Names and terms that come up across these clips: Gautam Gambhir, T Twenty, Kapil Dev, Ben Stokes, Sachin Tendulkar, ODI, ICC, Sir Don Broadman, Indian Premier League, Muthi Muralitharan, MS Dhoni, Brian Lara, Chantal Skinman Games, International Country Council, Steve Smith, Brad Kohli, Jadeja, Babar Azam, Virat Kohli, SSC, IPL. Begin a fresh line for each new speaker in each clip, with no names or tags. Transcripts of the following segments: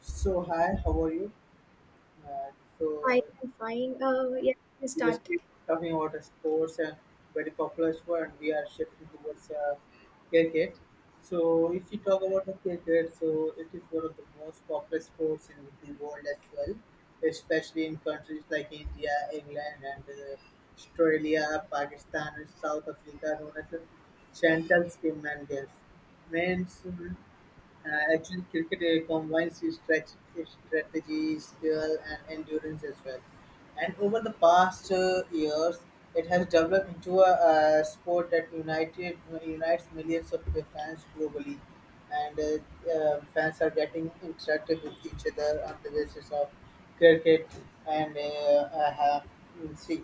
So hi, how are you? Uh, so
Fine, I'm fine. Yeah, we
we were
start.
still talking about sports and very popular sport, and we are shifting towards cricket. So, if you talk about the cricket, so it is one of the most popular sports in the world as well, especially in countries like India, England, and Australia, Pakistan, and South Africa, known as the Chantal Skinman Games. Men's, actually cricket combines the strategy, skill, and endurance as well. And over the past years, it has developed into a sport that united unites millions of fans globally. And fans are getting interactive with each other on the basis of cricket and see.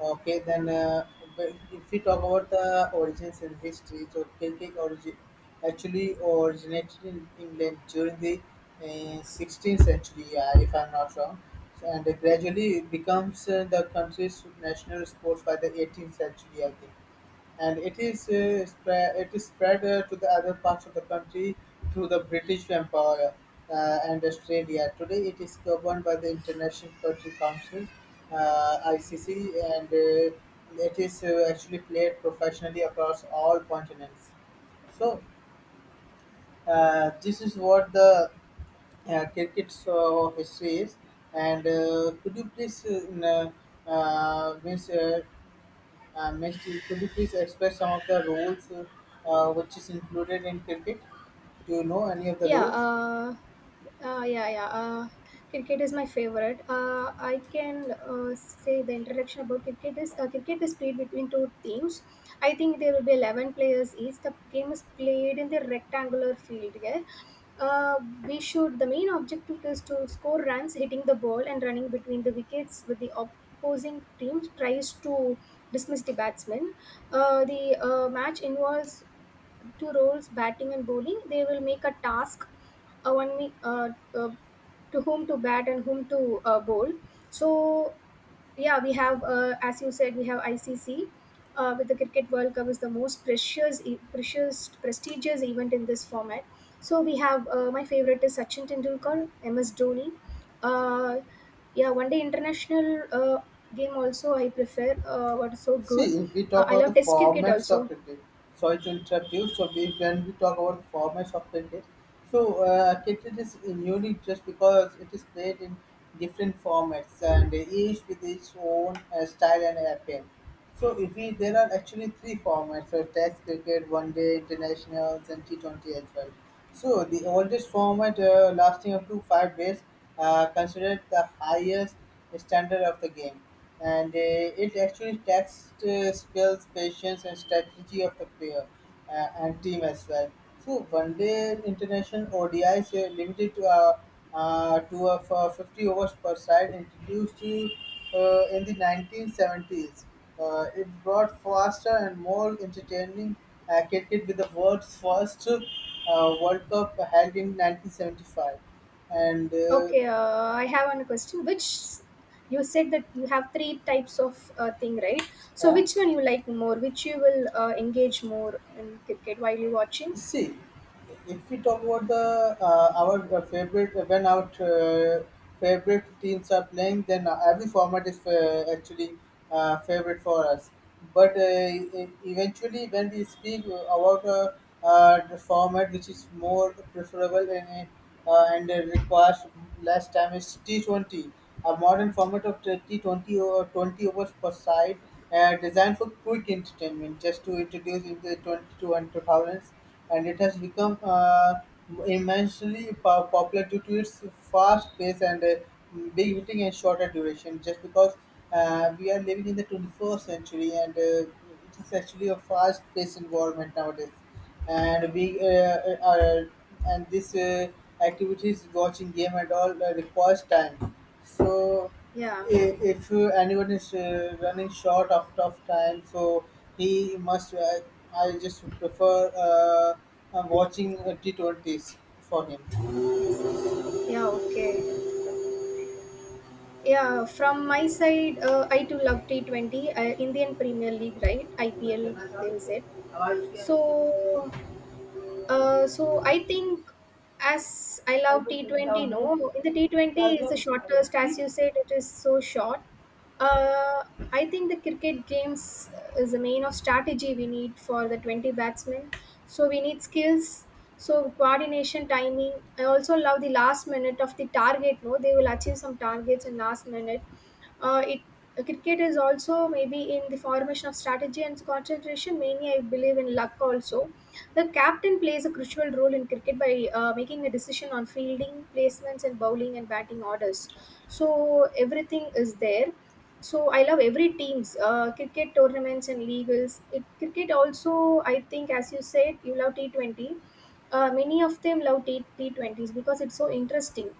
Okay, then but if we talk about the origins and history, so pancake origin actually originated in England during the 16th century, if I'm not wrong, so, and gradually it becomes the country's national sport by the 18th century, I think and it is spread to the other parts of the country through the British Empire and Australia. Today, it is governed by the International Country Council (ICC) and it is actually played professionally across all continents. So, this is what the cricket's history is. And could you please means, I missed you. Could you please express some of the roles which is included in cricket? Do you know any of the
Yeah,
roles?
uh, uh, yeah, yeah. Uh, Cricket is my favorite. I can say the introduction about cricket is played between two teams. I think there will be 11 players each. The game is played in the rectangular field. Yeah. Uh, we should. The main objective is to score runs, hitting the ball and running between the wickets with the opposing team tries to dismiss the batsman. The match involves two roles, batting and bowling. They will make a task, one me uh, to whom to bat and whom to bowl. So yeah, we have as you said, we have ICC. With the Cricket World Cup is the most precious, prestigious event in this format. So we have my favorite is Sachin Tendulkar, MS Dhoni. Uh, yeah, one day international game also I prefer. What is so
See,
good.
if we talk
I
about the
love Test cricket
formats of
also.
cricket, sorry to interrupt you. So, when we talk about the formats of cricket, so cricket is unique just because it is played in different formats and each with its own style and appeal. So, if we there are actually three formats: so Test cricket, One Day, Internationals, and T20 as well. So, the oldest format lasting up to 5 days, considered the highest standard of the game and it actually tests skills, patience, and strategy of the player and team as well. So one day international ODI is limited to for 50 overs per side, introduced in the 1970s. It brought faster and more entertaining cricket with the world's first World Cup held in 1975, and
Okay, I have one question. Which you said that you have three types of thing, right? So
yeah.
which one you like more? Which you will engage more in cricket while you watching?
See, if we talk about the our favorite when our favorite teams are playing, then every format is actually favorite for us. But eventually, when we speak about the format which is more preferable and requires less time, is T20, a modern format of T20 or 20 overs per side, designed for quick entertainment. Just to introduce in the 22 and two thousands and it has become immensely popular due to its fast pace and big hitting and shorter duration. Just because we are living in the 21st century and it is actually a fast paced environment nowadays, and we are and this activities watching game and all requires time. So
Yeah.
if anyone is running short of time, so he must. I just prefer uh, watching T20s for him.
Yes. Yeah. Okay. Yeah. From my side, I too love T 20, Indian Premier League, right? IPL, they will say. So so I think as I love T20, no, in the T20 is the shortest, as you said, it is so short. Uh, I think the cricket games is the main of strategy we need for the 20 batsmen. So we need skills, so coordination, timing. I also love the last minute of the target, no, they will achieve some targets in last minute. It cricket is also maybe in the formation of strategy and concentration. Mainly, I believe in luck also the captain plays a crucial role in cricket by making a decision on fielding, placements, and bowling and batting orders. So everything is there. So I love every teams, cricket tournaments and legals. It cricket also I think as you said you love T 20. Many of them love T T20s because it's so interesting.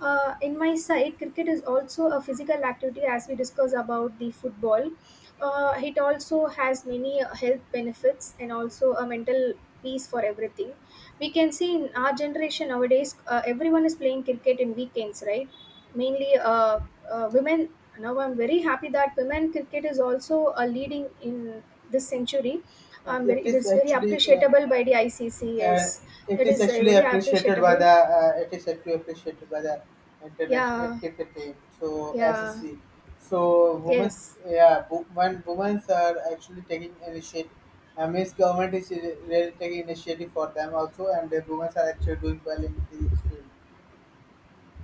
In my side, cricket is also a physical activity as we discuss about the football. It also has many health benefits and also a mental peace for everything. We can see in our generation nowadays, everyone is playing cricket in weekends, right? Mainly women. Now I'm very happy that women cricket is also leading in this century.
It
It
is
is very
actually
appreciable by the ICC.
And
Yes,
it
it
is
is
actually
very
appreciated by
appreciable.
the international
Yeah,
cricket team. So
yeah,
SSC. So women,
yes.
yeah, women are actually taking initiative. I mean, government is really taking initiative for them also, and the women are actually doing well in this field.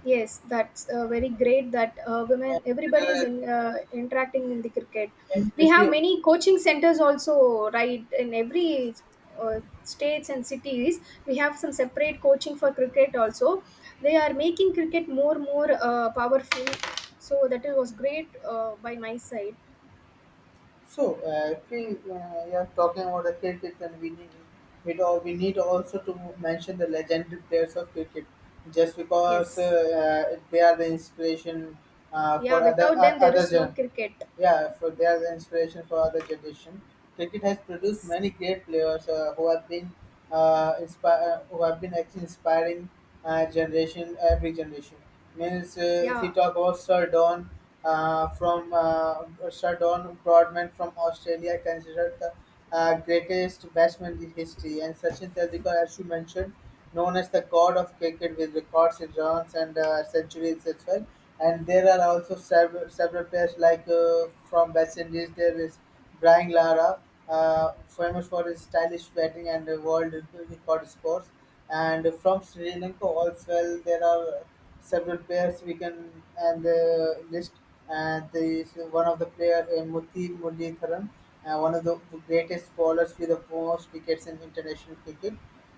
Yes, that's very great that women,
And
everybody is
uh,
in interacting in the cricket.
and
We
if
have
you
many coaching centers also, right? In every states and cities, we have some separate coaching for cricket also. They are making cricket more powerful. So that it was great by my side.
So actually, you are talking about the cricket, and we need also to mention the legendary players of cricket, just because
Yes,
they are the inspiration
yeah.
for
Without them, there
other
is no
gen.
cricket.
Yeah, for they are the inspiration for other generation. Cricket has produced
Yes,
many great players who have been actually inspiring generation every generation. Means if we
yeah.
talk about Sir Don Broadman from Australia, considered the greatest batsman in history, and Sachin Tendulkar, as you mentioned, known as the god of cricket with records in runs and centuries as well. And there are also several players like from West Indies. There is. Brian Lara, famous for his stylish batting and world record scores. And from Sri Lanka also well, there are several players we can and the list. And there is one of the player Muthi Muralitharan, one of the greatest bowlers with the most wickets in international cricket.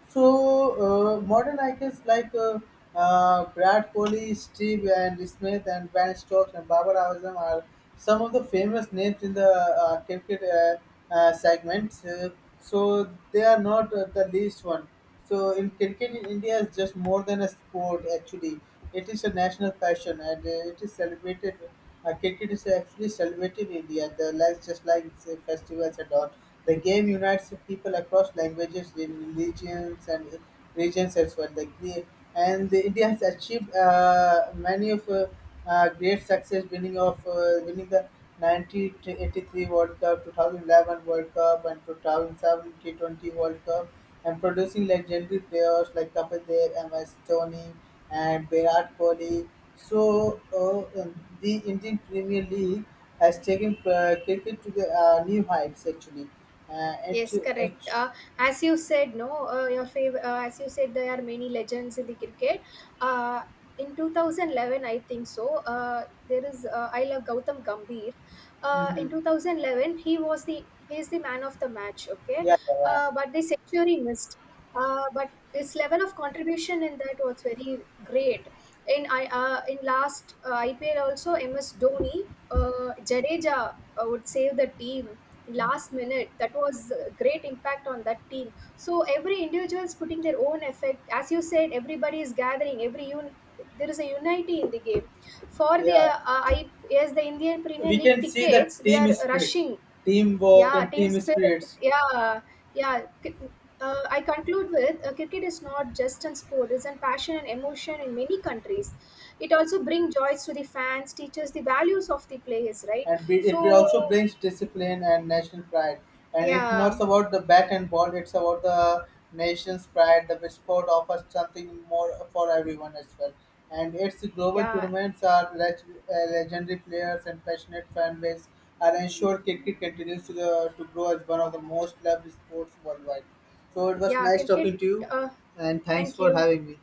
So modern icons like Brad Kohli, Steve and Smith, and Ben Stokes and Babar Azam are some of the famous names in the cricket segment. So they are not the least one. So in cricket in India is just more than a sport. Actually, it is a national passion, and it is celebrated. Cricket is actually celebrated in India. The like just like say, festivals and all. The game unites people across languages, religions, and regions as well. And the India has achieved many of great success, winning the 1983 World Cup, 2011 World Cup, and 2007 T20 World Cup and producing legendary players like Kapil Dev, MS Dhoni, and Virat Kohli. So the Indian Premier League has taken cricket to the new heights actually. Uh, and
Yes,
to- uh,
correct. As you said, no, as you said, there are many legends in the cricket. Uh, in 2011, I think so. I love Gautam Gambhir. In
mhm.
2011, he is the man of the match. Okay,
Yeah, yeah,
but the century missed. But his level of contribution in that was very great. In last IPL also, MS Dhoni, Jadeja would save the team last minute, that was a great impact on that team. So every individual is putting their own effect, as you said, everybody is gathering there is a unity in the game for the
yeah.
yes, the indian premier
We
league
can see that
tickets we
team
are
spirit,
rushing.
teamwork,
Yeah,
and
team
team
spirit,
spirits.
yeah, yeah Cri- I conclude with cricket is not just an sport, it's an passion and emotion in many countries. It also brings joys to the fans, teaches the values of the players, right?
It will also
So
brings discipline and national pride. And it's
yeah.
not about the bat and ball; it's about the nation's pride. The sport offers something more for everyone as well. And its global
Yeah,
tournaments are legendary players and passionate fan base are ensured cricket continues to grow as one of the most loved sports worldwide. So it was
yeah,
nice
cricket.
talking to you,
Uh,
and thanks
Thank
for
you.
having me.